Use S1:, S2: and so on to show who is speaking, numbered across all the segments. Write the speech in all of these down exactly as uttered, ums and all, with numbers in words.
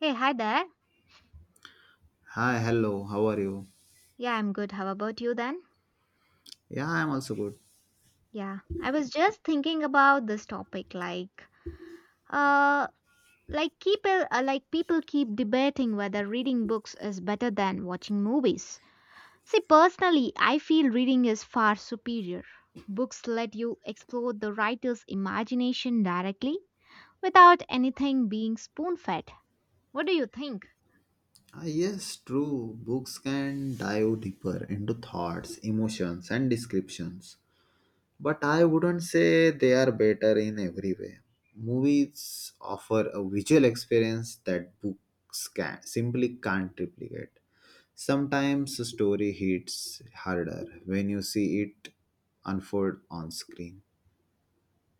S1: Hey, hi there.
S2: Hi, hello, how are you?
S1: Yeah, I'm good. How about you then?
S2: Yeah, I'm also good.
S1: Yeah, I was just thinking about this topic like uh like people uh, like people keep debating whether reading books is better than watching movies. See, personally, I feel reading is far superior. Books let you explore the writer's imagination directly without anything being spoon-fed. What do you think?
S2: Ah, yes, true. Books can dive deeper into thoughts, emotions, and descriptions. But I wouldn't say they are better in every way. Movies offer a visual experience that books can simply can't replicate. Sometimes a story hits harder when you see it unfold on screen.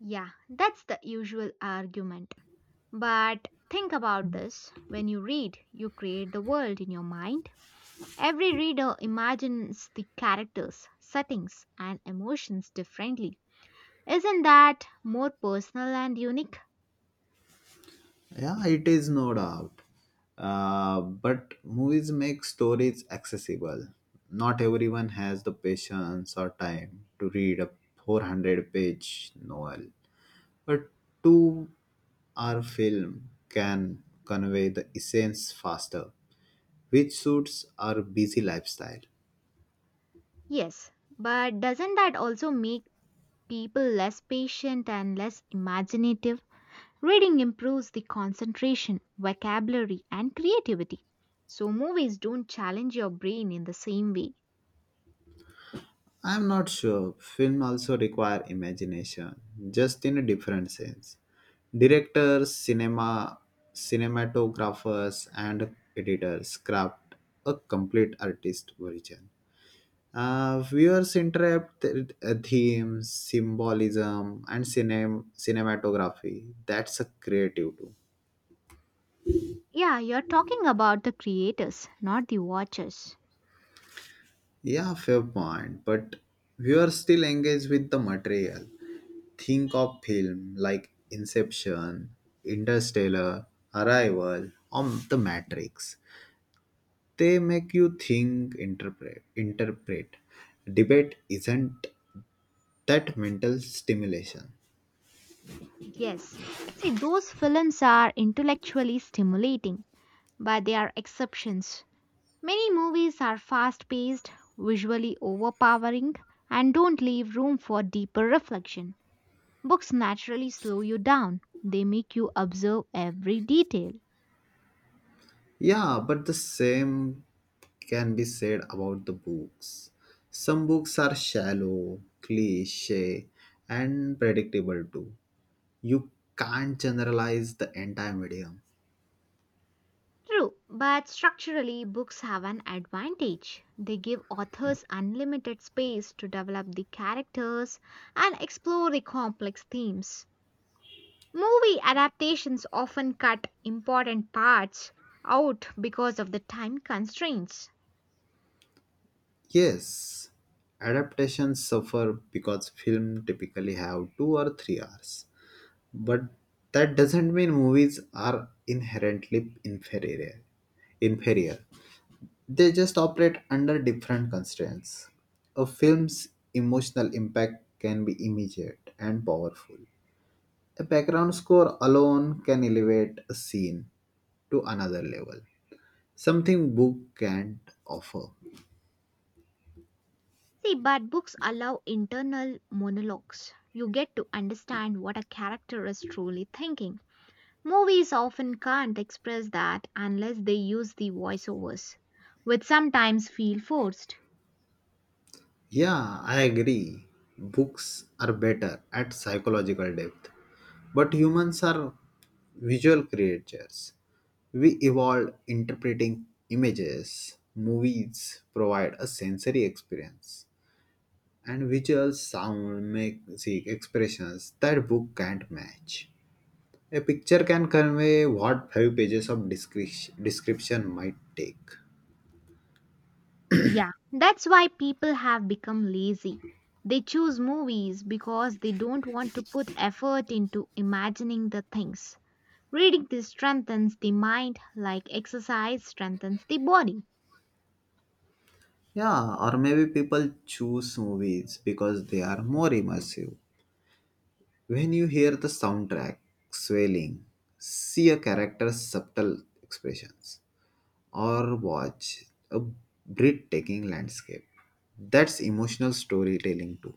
S1: Yeah, that's the usual argument. But think about this: when you read, you create the world in your mind. Every reader imagines the characters, settings, and emotions differently. Isn't that more personal and unique?
S2: Yeah, it is no doubt. Uh, but movies make stories accessible. Not everyone has the patience or time to read a four hundred page novel, but two hour film can convey the essence faster, which suits our busy lifestyle.
S1: Yes, but doesn't that also make people less patient and less imaginative? Reading improves the concentration, vocabulary, and creativity. So, movies don't challenge your brain in the same way.
S2: I'm not sure. Film also require imagination, just in a different sense. Directors, cinema, cinematographers, and editors craft a complete artist version. Uh, viewers interpret uh, themes, symbolism, and cinem- cinematography. That's a creative too.
S1: Yeah, you're talking about the creators, not the watchers.
S2: Yeah, fair point. But we are still engaged with the material. Think of film like Inception, Interstellar, Arrival, or The Matrix. They make you think, interpret, interpret. Debate isn't that mental stimulation.
S1: Yes. See, those films are intellectually stimulating, but they are exceptions. Many movies are fast paced, visually overpowering, and don't leave room for deeper reflection. Books naturally slow you down, they make you observe every detail.
S2: Yeah, but the same can be said about the books. Some books are shallow, cliche, and predictable too. You can't generalize the entire medium.
S1: True, but structurally, books have an advantage. They give authors unlimited space to develop the characters and explore the complex themes. Movie adaptations often cut important parts out because of the time constraints.
S2: Yes, adaptations suffer because film typically have two or three hours. But that doesn't mean movies are inherently inferior. Inferior. They just operate under different constraints. A film's emotional impact can be immediate and powerful. A background score alone can elevate a scene to another level. Something book can't offer.
S1: See, but books allow internal monologues. You get to understand what a character is truly thinking. Movies often can't express that unless they use the voiceovers, which sometimes feel forced.
S2: Yeah, I agree. Books are better at psychological depth. But humans are visual creatures. We evolved interpreting images. Movies provide a sensory experience. And visuals, sound, music, expressions that book can't match. A picture can convey what five pages of descri- description might take.
S1: Yeah, that's why people have become lazy. They choose movies because they don't want to put effort into imagining the things. Reading this strengthens the mind, like exercise strengthens the body.
S2: Yeah, or maybe people choose movies because they are more immersive. When you hear the soundtrack swelling, see a character's subtle expressions, or watch a breathtaking landscape, that's emotional storytelling too.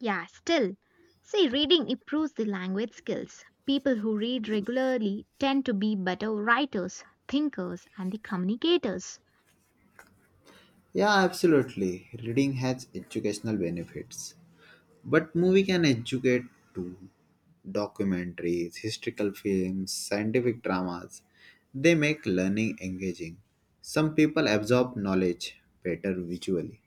S1: Yeah, still. See, reading improves the language skills. People who read regularly tend to be better writers, thinkers, and the communicators.
S2: Yeah, absolutely. Reading has educational benefits. But movie can educate too. Documentaries, historical films, scientific dramas. They make learning engaging. Some people absorb knowledge better visually.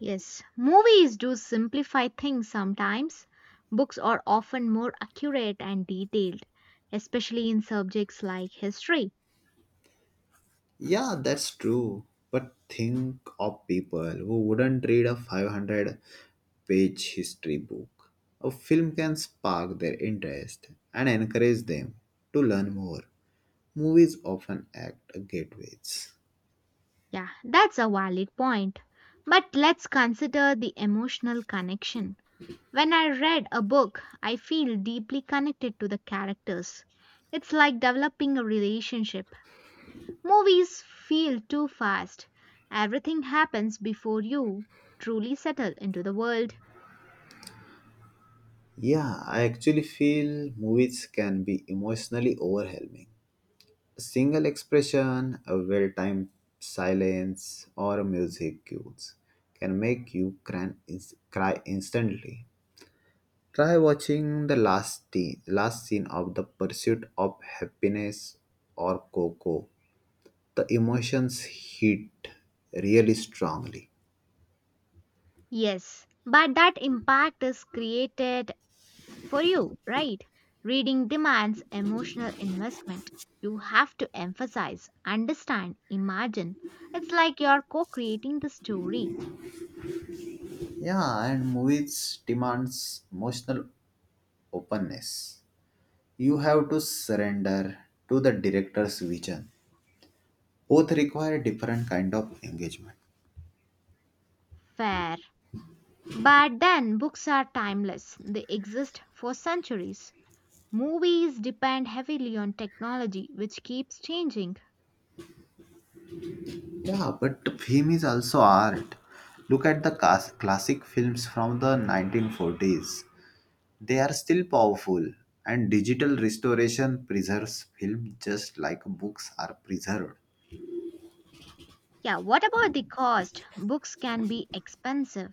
S1: Yes, movies do simplify things sometimes. Books are often more accurate and detailed, especially in subjects like history.
S2: Yeah, that's true. But think of people who wouldn't read a five hundred page history book. A film can spark their interest and encourage them to learn more. Movies often act as gateways.
S1: Yeah, that's a valid point. But let's consider the emotional connection. When I read a book, I feel deeply connected to the characters. It's like developing a relationship. Movies feel too fast. Everything happens before you truly settle into the world.
S2: Yeah, I actually feel movies can be emotionally overwhelming. A single expression, a well timed silence, or a music cues can make you cry, ins- cry instantly. Try watching the last, t- last scene of The Pursuit of Happiness or Coco. The emotions hit really strongly.
S1: Yes, but that impact is created for you, right? Reading demands emotional investment. You have to emphasize, understand, imagine. It's like you're co creating the story.
S2: Yeah, and movies demands emotional openness, you have to surrender to the director's vision. Both require different kind of engagement.
S1: Fair. But then books are timeless, they exist for centuries. Movies depend heavily on technology, which keeps changing.
S2: Yeah, but film is also art. Look at the cas- classic films from the nineteen forties. They are still powerful, and digital restoration preserves film just like books are preserved.
S1: Yeah, what about the cost? Books can be expensive.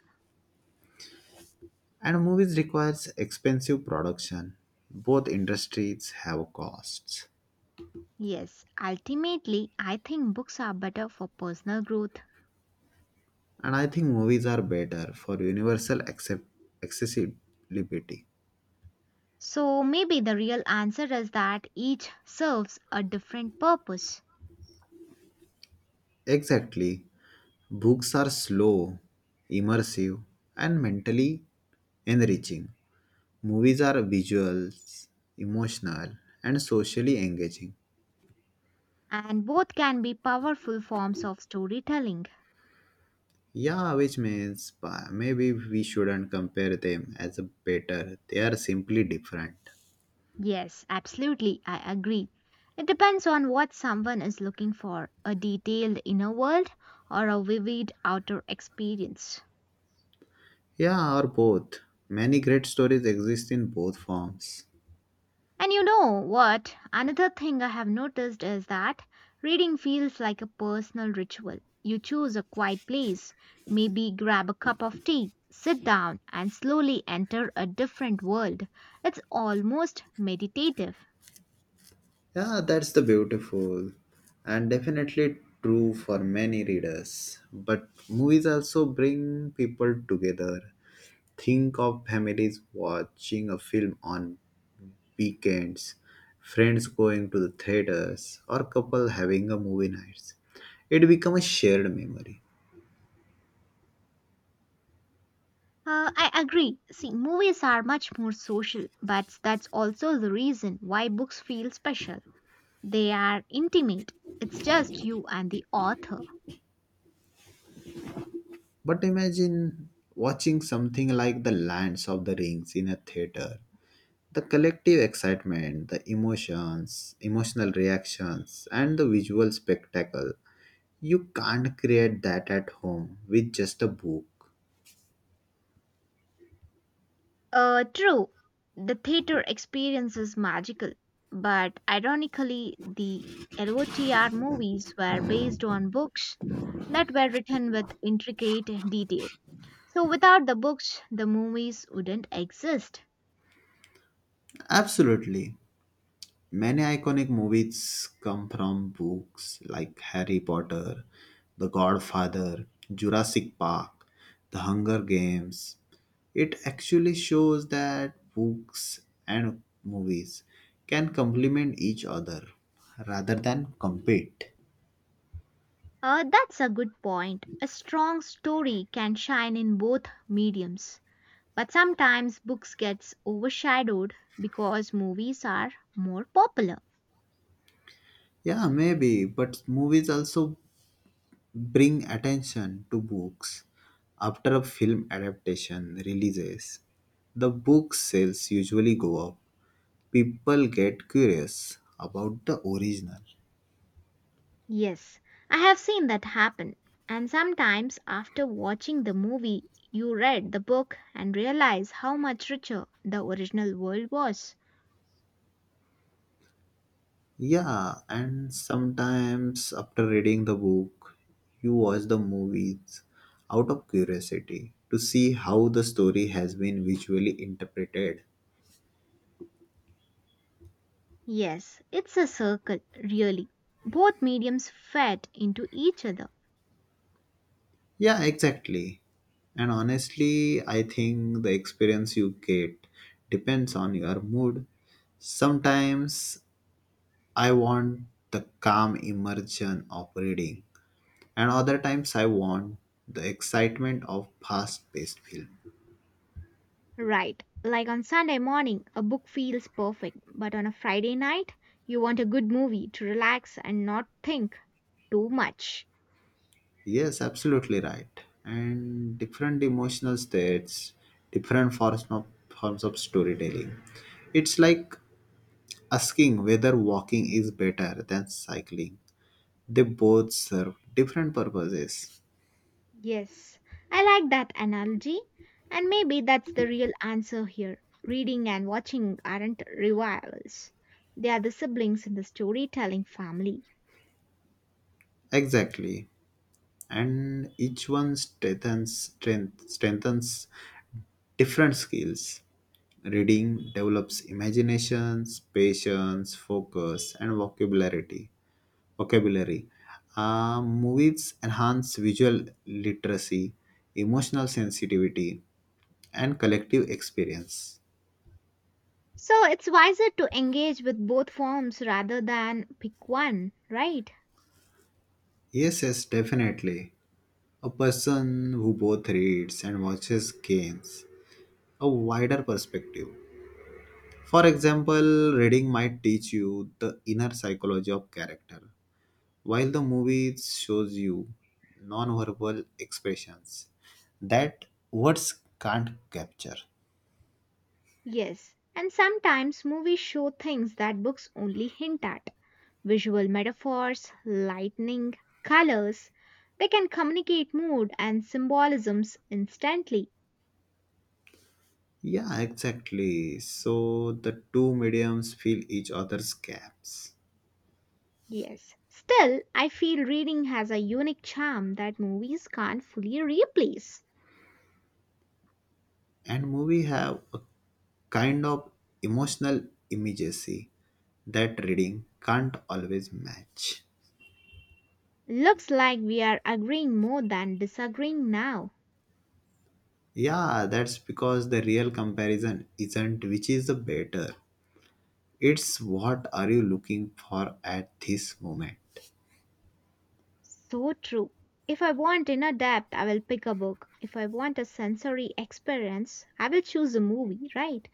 S2: And movies requires expensive production. Both industries have costs.
S1: Yes, ultimately, I think books are better for personal growth.
S2: And I think movies are better for universal accept accessibility.
S1: So maybe the real answer is that each serves a different purpose,
S2: Exactly. Books are slow, immersive, and mentally enriching. Movies are visuals, emotional, and socially engaging.
S1: and both can be powerful forms of storytelling.
S2: Yeah, which means pa- maybe we shouldn't compare them as a better. They are simply different.
S1: Yes, absolutely, I agree. It depends on what someone is looking for: a detailed inner world or a vivid outer experience.
S2: Yeah, or both. Many great stories exist in both forms.
S1: And you know what? Another thing I have noticed is that reading feels like a personal ritual. You choose a quiet place, maybe grab a cup of tea, sit down, and slowly enter a different world. It's almost meditative.
S2: Yeah, that's the beautiful and definitely true for many readers. But movies also bring people together. Think of families watching a film on weekends, friends going to the theaters, or couple having a movie nights. It becomes a shared memory.
S1: Uh, I agree. See, movies are much more social, but that's also the reason why books feel special. They are intimate. It's just you and the author.
S2: But imagine watching something like The Lands of the Rings in a theater. The collective excitement, the emotions, emotional reactions, and the visual spectacle. You can't create that at home with just a book.
S1: Uh, true, the theater experience is magical, but ironically, the L O T R movies were based on books that were written with intricate detail. So, without the books, the movies wouldn't exist.
S2: Absolutely. Many iconic movies come from books like Harry Potter, The Godfather, Jurassic Park, The Hunger Games. It actually shows that books and movies can complement each other rather than compete.
S1: Uh, that's a good point. A strong story can shine in both mediums, but sometimes books gets overshadowed because movies are more popular.
S2: Yeah, maybe, but movies also bring attention to books. After a film adaptation releases, the book sales usually go up. People get curious about the original.
S1: Yes, I have seen that happen. And sometimes, after watching the movie, you read the book and realize how much richer the original world was.
S2: Yeah, and sometimes after reading the book, you watch the movies out of curiosity to see how the story has been visually interpreted.
S1: Yes, it's a circle, really. Both mediums fed into each other.
S2: Yeah, exactly. And honestly, I think the experience you get depends on your mood. Sometimes I want the calm immersion of reading, and other times I want the excitement of fast paced film.
S1: Right, like on Sunday morning, a book feels perfect, but on a Friday night, you want a good movie to relax and not think too much.
S2: Yes, absolutely right. And different emotional states, different forms of, forms of storytelling. It's like asking whether walking is better than cycling. They both serve different purposes.
S1: Yes, I like that analogy. And maybe that's the real answer here. Reading and watching aren't rivals, they are the siblings in the storytelling family.
S2: Exactly. And each one strengthens, strength, strengthens different skills. Reading develops imaginations, patience, focus, and vocabulary. Vocabulary. Uh, movies enhance visual literacy, emotional sensitivity, and collective experience.
S1: So it's wiser to engage with both forms rather than pick one, right?
S2: Yes, yes, definitely. A person who both reads and watches games a wider perspective. For example, reading might teach you the inner psychology of character, while the movie shows you non-verbal expressions that words can't capture.
S1: Yes, and sometimes movies show things that books only hint at: visual metaphors, lightning, colors. They can communicate mood and symbolisms instantly.
S2: Yeah, exactly. So the two mediums fill each other's gaps,
S1: Yes. Still, I feel reading has a unique charm that movies can't fully replace.
S2: and movie have a kind of emotional immediacy that reading can't always match.
S1: Looks like we are agreeing more than disagreeing now.
S2: Yeah, that's because the real comparison isn't which is the better. It's what are you looking for at this moment.
S1: So true. If I want inner depth, I will pick a book. If I want a sensory experience, I will choose a movie, right?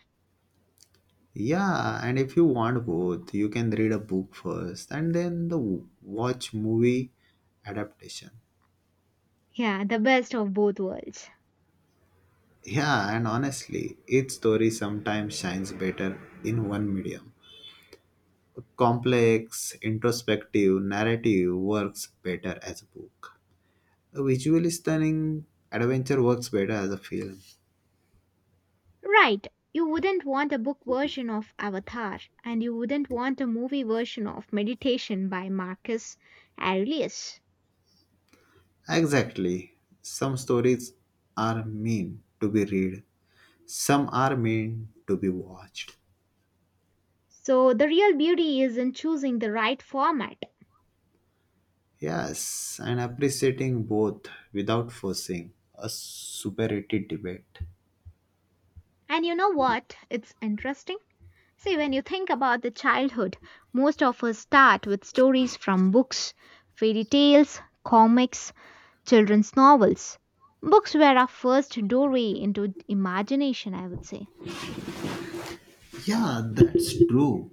S2: Yeah, and if you want both, you can read a book first and then the w- watch movie adaptation.
S1: Yeah, the best of both worlds.
S2: Yeah, and honestly, each story sometimes shines better in one medium. A complex, introspective narrative works better as a book. A visually stunning adventure works better as a film.
S1: Right. You wouldn't want a book version of Avatar, and you wouldn't want a movie version of Meditation by Marcus Aurelius.
S2: Exactly. Some stories are meant to be read, some are meant to be watched.
S1: So the real beauty is in choosing the right format.
S2: Yes, and appreciating both without forcing a superiority debate.
S1: And you know what? It's interesting. See, when you think about the childhood, most of us start with stories from books, fairy tales, comics, children's novels. Books were our first doorway into imagination, I would say.
S2: Yeah, that's true.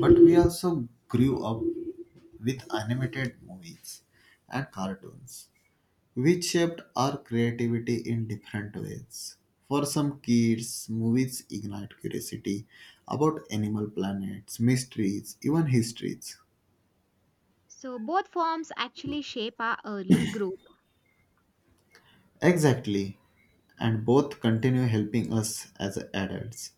S2: But we also grew up with animated movies and cartoons, which shaped our creativity in different ways. For some kids, movies ignite curiosity about animal planets, mysteries, even histories.
S1: So both forms actually shape our early growth.
S2: Exactly, and both continue helping us as adults.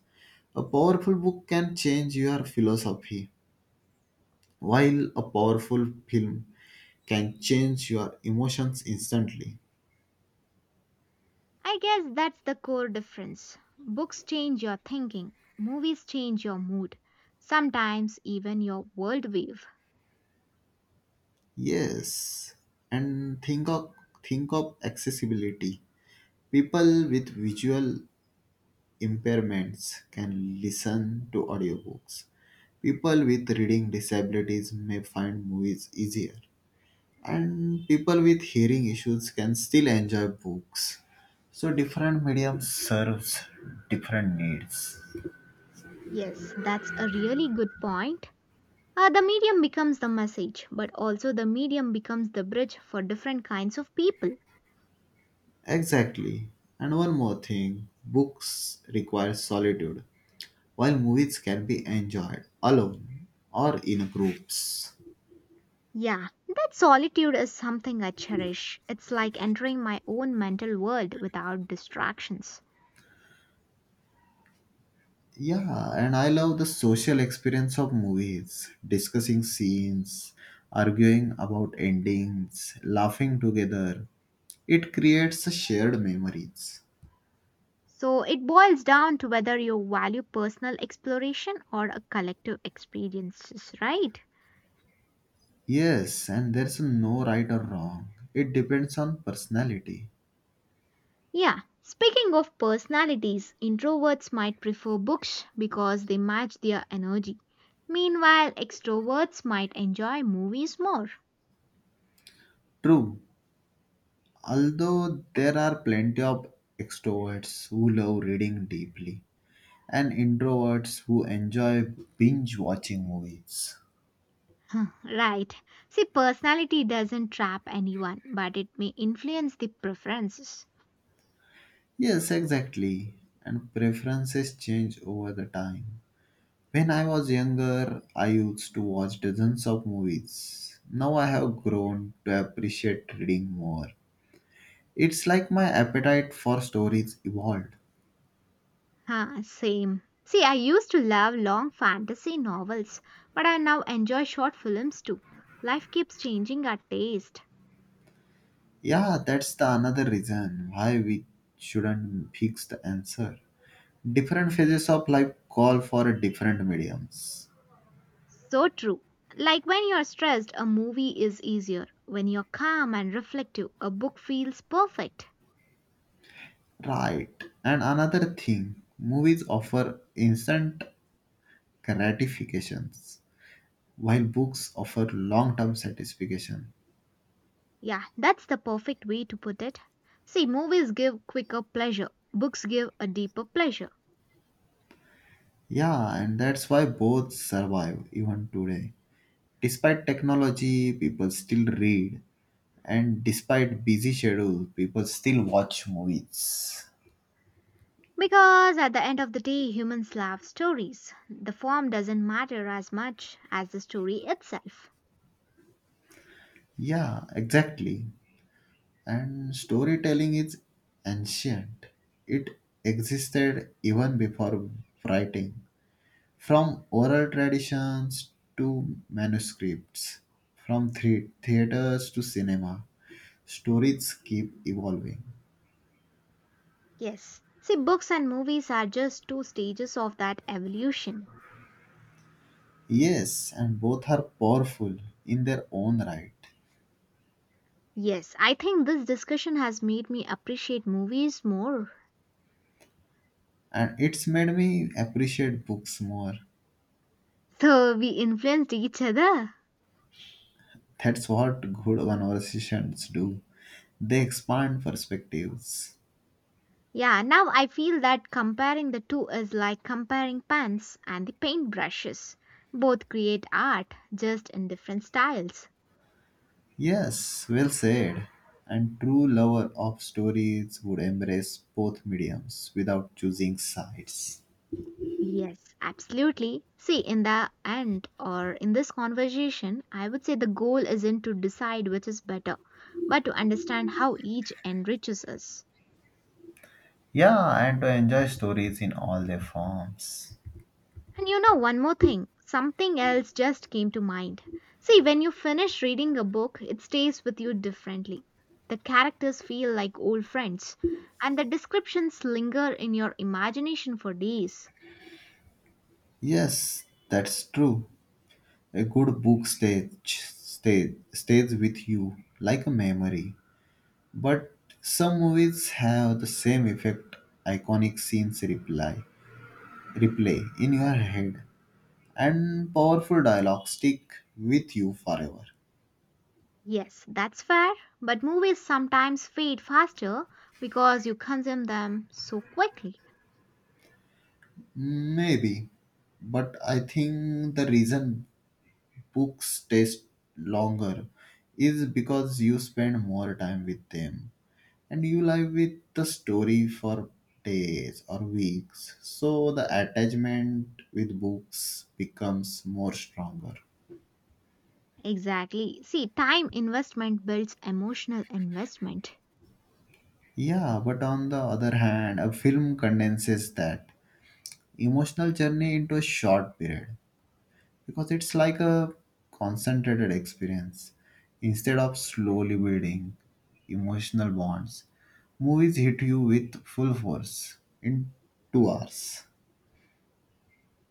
S2: A powerful book can change your philosophy, while a powerful film can change your emotions instantly.
S1: I guess that's the core difference. Books change your thinking, movies change your mood, sometimes even your worldview.
S2: Yes, and think of think of accessibility. People with visual impairments can listen to audiobooks. People with reading disabilities may find movies easier. And people with hearing issues can still enjoy books. So different mediums serves different needs.
S1: Yes, that's a really good point. Uh, the medium becomes the message, but also the medium becomes the bridge for different kinds of people.
S2: Exactly. And one more thing, books require solitude, while movies can be enjoyed alone or in groups.
S1: Yeah, that solitude is something I cherish. It's like entering my own mental world without distractions.
S2: Yeah, and I love the social experience of movies, discussing scenes, arguing about endings, laughing together. It creates a shared memories.
S1: So it boils down to whether you value personal exploration or a collective experiences, right?
S2: Yes, and there's no right or wrong. It depends on personality.
S1: Yeah, speaking of personalities, introverts might prefer books because they match their energy. Meanwhile, extroverts might enjoy movies more.
S2: True, although there are plenty of extroverts who love reading deeply and introverts who enjoy binge watching movies.
S1: Right. See, personality doesn't trap anyone, but it may influence the preferences.
S2: Yes, exactly. And preferences change over the time. When I was younger, I used to watch dozens of movies. Now I have grown to appreciate reading more. It's like my appetite for stories evolved.
S1: Huh, same. See, I used to love long fantasy novels, but I now enjoy short films too. Life keeps changing our taste.
S2: Yeah, that's the another reason why we shouldn't fix the answer. Different phases of life call for different mediums.
S1: So true. Like when you're stressed, a movie is easier. When you're calm and reflective, a book feels perfect.
S2: Right. And another thing, movies offer instant gratifications while books offer long term satisfaction.
S1: Yeah, that's the perfect way to put it. See, movies give quicker pleasure, books give a deeper pleasure.
S2: Yeah, and that's why both survive even today. Despite technology, people still read, and despite busy schedule, people still watch movies.
S1: Because at the end of the day, humans love stories. The form doesn't matter as much as the story itself.
S2: Yeah, exactly. And storytelling is ancient. It existed even before writing, from oral traditions to manuscripts, from the- theaters to cinema. Stories keep evolving.
S1: Yes. See, books and movies are just two stages of that evolution.
S2: Yes, and both are powerful in their own right.
S1: Yes, I think this discussion has made me appreciate movies more.
S2: And it's made me appreciate books more.
S1: So we influenced each other?
S2: That's what good conversations do. They expand perspectives.
S1: Yeah, now I feel that comparing the two is like comparing pans and the paintbrushes. Both create art, just in different styles.
S2: Yes, well said. And true lover of stories would embrace both mediums without choosing sides.
S1: Yes, absolutely. See, in the end or in this conversation, I would say the goal isn't to decide which is better, but to understand how each enriches us.
S2: Yeah, and to enjoy stories in all their forms.
S1: And you know one more thing, something else just came to mind. See, when you finish reading a book, it stays with you differently. The characters feel like old friends, and the descriptions linger in your imagination for days.
S2: Yes, that's true. A good book stays, stays, stays with you like a memory. But some movies have the same effect. Iconic scenes reply, replay in your head, and powerful dialogue stick with you forever.
S1: Yes, that's fair, but movies sometimes fade faster because you consume them so quickly.
S2: Maybe, but I think the reason books taste longer is because you spend more time with them, and you live with the story for days or weeks, so the attachment with books becomes more stronger.
S1: Exactly. See, time investment builds emotional investment.
S2: Yeah, but on the other hand, a film condenses that emotional journey into a short period, because it's like a concentrated experience. Instead of slowly building emotional bonds, movies hit you with full force in two hours.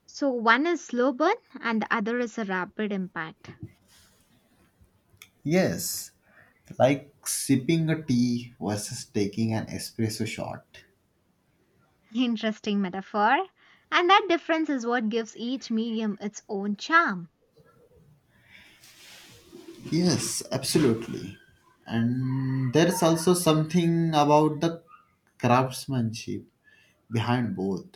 S1: So one is slow burn and the other is a rapid impact.
S2: Yes, like sipping a tea versus taking an espresso shot.
S1: Interesting metaphor. And that difference is what gives each medium its own charm.
S2: Yes, absolutely. And there's also something about the craftsmanship behind both.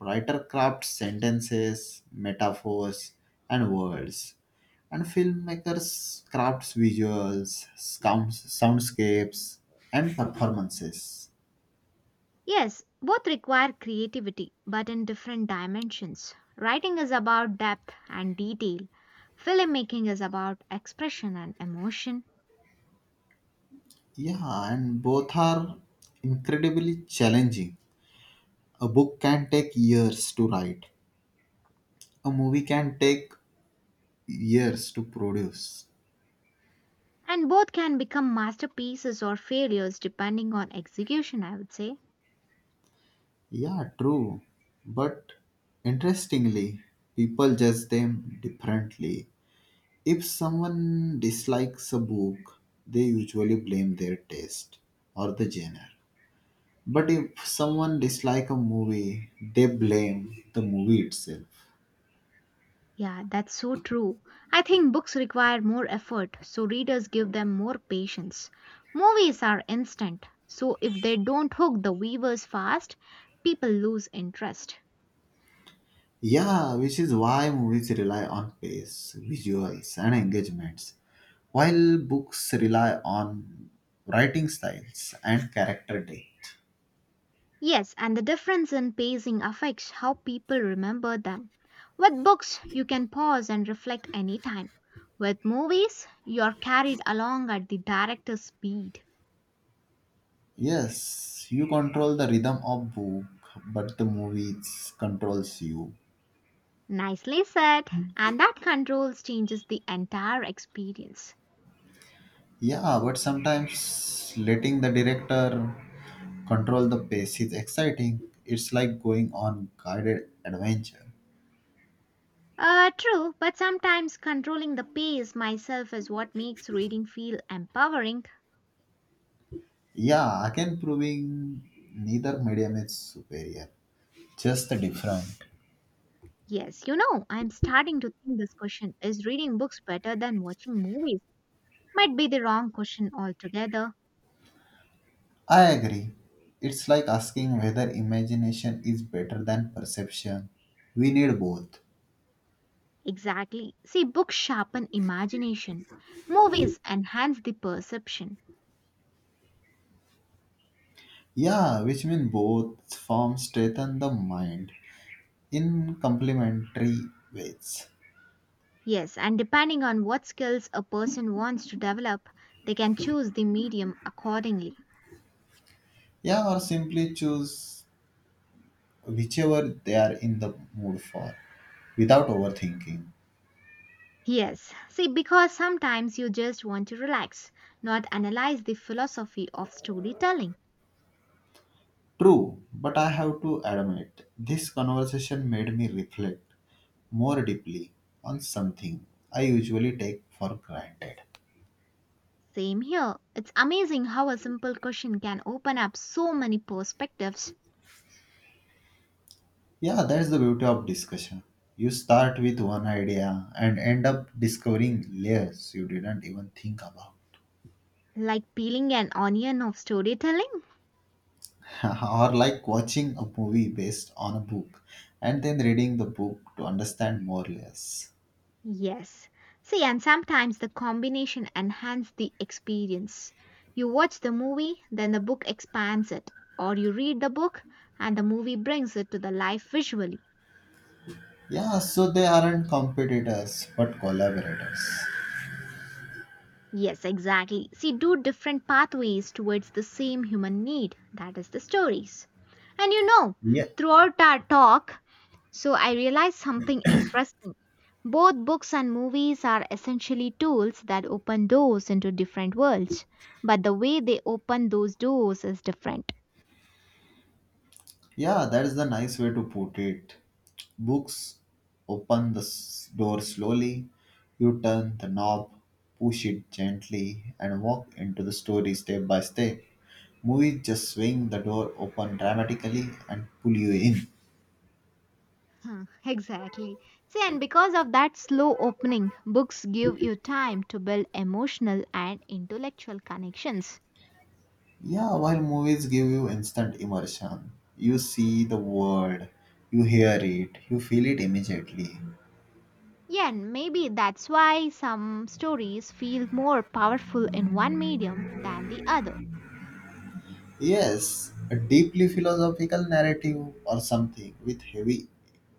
S2: Writer crafts sentences, metaphors, and words. And filmmakers crafts visuals, sounds, soundscapes, and performances.
S1: Yes, both require creativity, but in different dimensions. Writing is about depth and detail, filmmaking is about expression and emotion.
S2: Yeah, and both are incredibly challenging. A book can take years to write. A movie can take years to produce.
S1: And both can become masterpieces or failures depending on execution, I would say.
S2: Yeah, true. But interestingly, people judge them differently. If someone dislikes a book, they usually blame their taste or the genre. But if someone dislikes a movie, they blame the movie itself.
S1: Yeah, that's so true. I think books require more effort, so readers give them more patience. Movies are instant, so if they don't hook the viewers fast, people lose interest.
S2: Yeah, which is why movies rely on pace, visuals, and engagements, while books rely on writing styles and character depth.
S1: Yes, and the difference in pacing affects how people remember them. With books, you can pause and reflect anytime. With movies, you're carried along at the director's speed.
S2: Yes, you control the rhythm of book, but the movies controls you.
S1: Nicely said, and that controls changes the entire experience.
S2: Yeah, but sometimes letting the director control the pace is exciting. It's like going on guided adventure.
S1: Uh, true, but sometimes controlling the pace myself is what makes reading feel empowering.
S2: Yeah, again proving neither medium is superior. Just different.
S1: Yes, you know, I'm starting to think this question, "is reading books better than watching movies?" might be the wrong question altogether.
S2: I agree. It's like asking whether imagination is better than perception. We need both.
S1: Exactly. See, books sharpen imagination, movies enhance the perception.
S2: Yeah, which means both forms strengthen the mind in complementary ways.
S1: Yes, and depending on what skills a person wants to develop, they can choose the medium accordingly.
S2: Yeah, or simply choose whichever they are in the mood for without overthinking.
S1: Yes. See, because sometimes you just want to relax, not analyze the philosophy of storytelling.
S2: True, but I have to admit, this conversation made me reflect more deeply on something I usually take for granted.
S1: Same here. It's amazing how a simple question can open up so many perspectives,
S2: Yeah, that's the beauty of discussion. You start with one idea and end up discovering layers you didn't even think about.
S1: like peeling an onion of storytelling.
S2: Or like watching a movie based on a book and then reading the book to understand more layers.
S1: Yes. See, and sometimes the combination enhances the experience. You watch the movie, then the book expands it, or you read the book and the movie brings it to the life visually.
S2: Yeah, so they aren't competitors but collaborators.
S1: Yes, exactly. See, do different pathways towards the same human need. That is the stories. And you know,
S2: Yeah.
S1: throughout our talk, so I realized something interesting. Both books and movies are essentially tools that open doors into different worlds, but the way they open those doors is different.
S2: Yeah, that is the nice way to put it. Books open the s- door slowly, you turn the knob, push it gently, and walk into the story step by step. Movies just swing the door open dramatically and pull you in.
S1: Huh, exactly. See, and because of that slow opening, books give you time to build emotional and intellectual connections.
S2: Yeah, while movies give you instant immersion, you see the world, you hear it, you feel it immediately.
S1: Yeah, and maybe that's why some stories feel more powerful in one medium than the other.
S2: Yes, a deeply philosophical narrative or something with heavy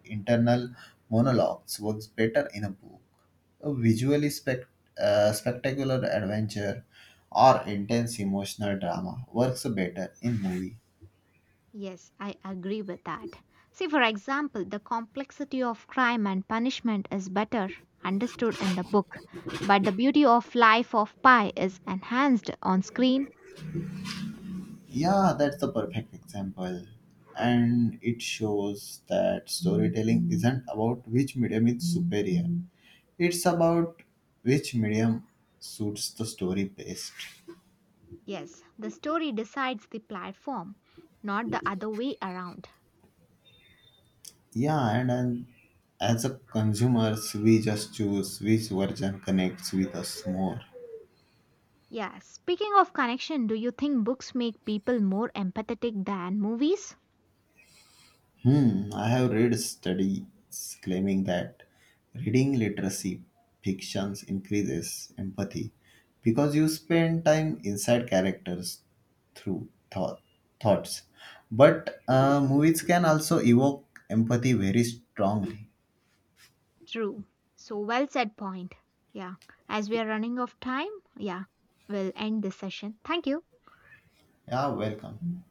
S2: internal monologues works better in a book. A visually spect- uh, spectacular adventure or intense emotional drama works better in movie.
S1: Yes, I agree with that. See, for example, the complexity of Crime and Punishment is better understood in the book, but the beauty of Life of Pi is enhanced on screen.
S2: Yeah, that's the perfect example. And it shows that storytelling isn't about which medium is superior. It's about which medium suits the story best.
S1: Yes, the story decides the platform, not the other way around.
S2: Yeah, and, and as a consumers, we just choose which version connects with us more.
S1: Yeah, speaking of connection, do you think books make people more empathetic than movies?
S2: Hmm, I have read studies claiming that reading literacy fictions increases empathy because you spend time inside characters through thought, thoughts. But uh, movies can also evoke empathy very strongly.
S1: True. So, well said point. Yeah, as we are running out of time, yeah, we'll end this session. Thank you.
S2: Yeah, welcome.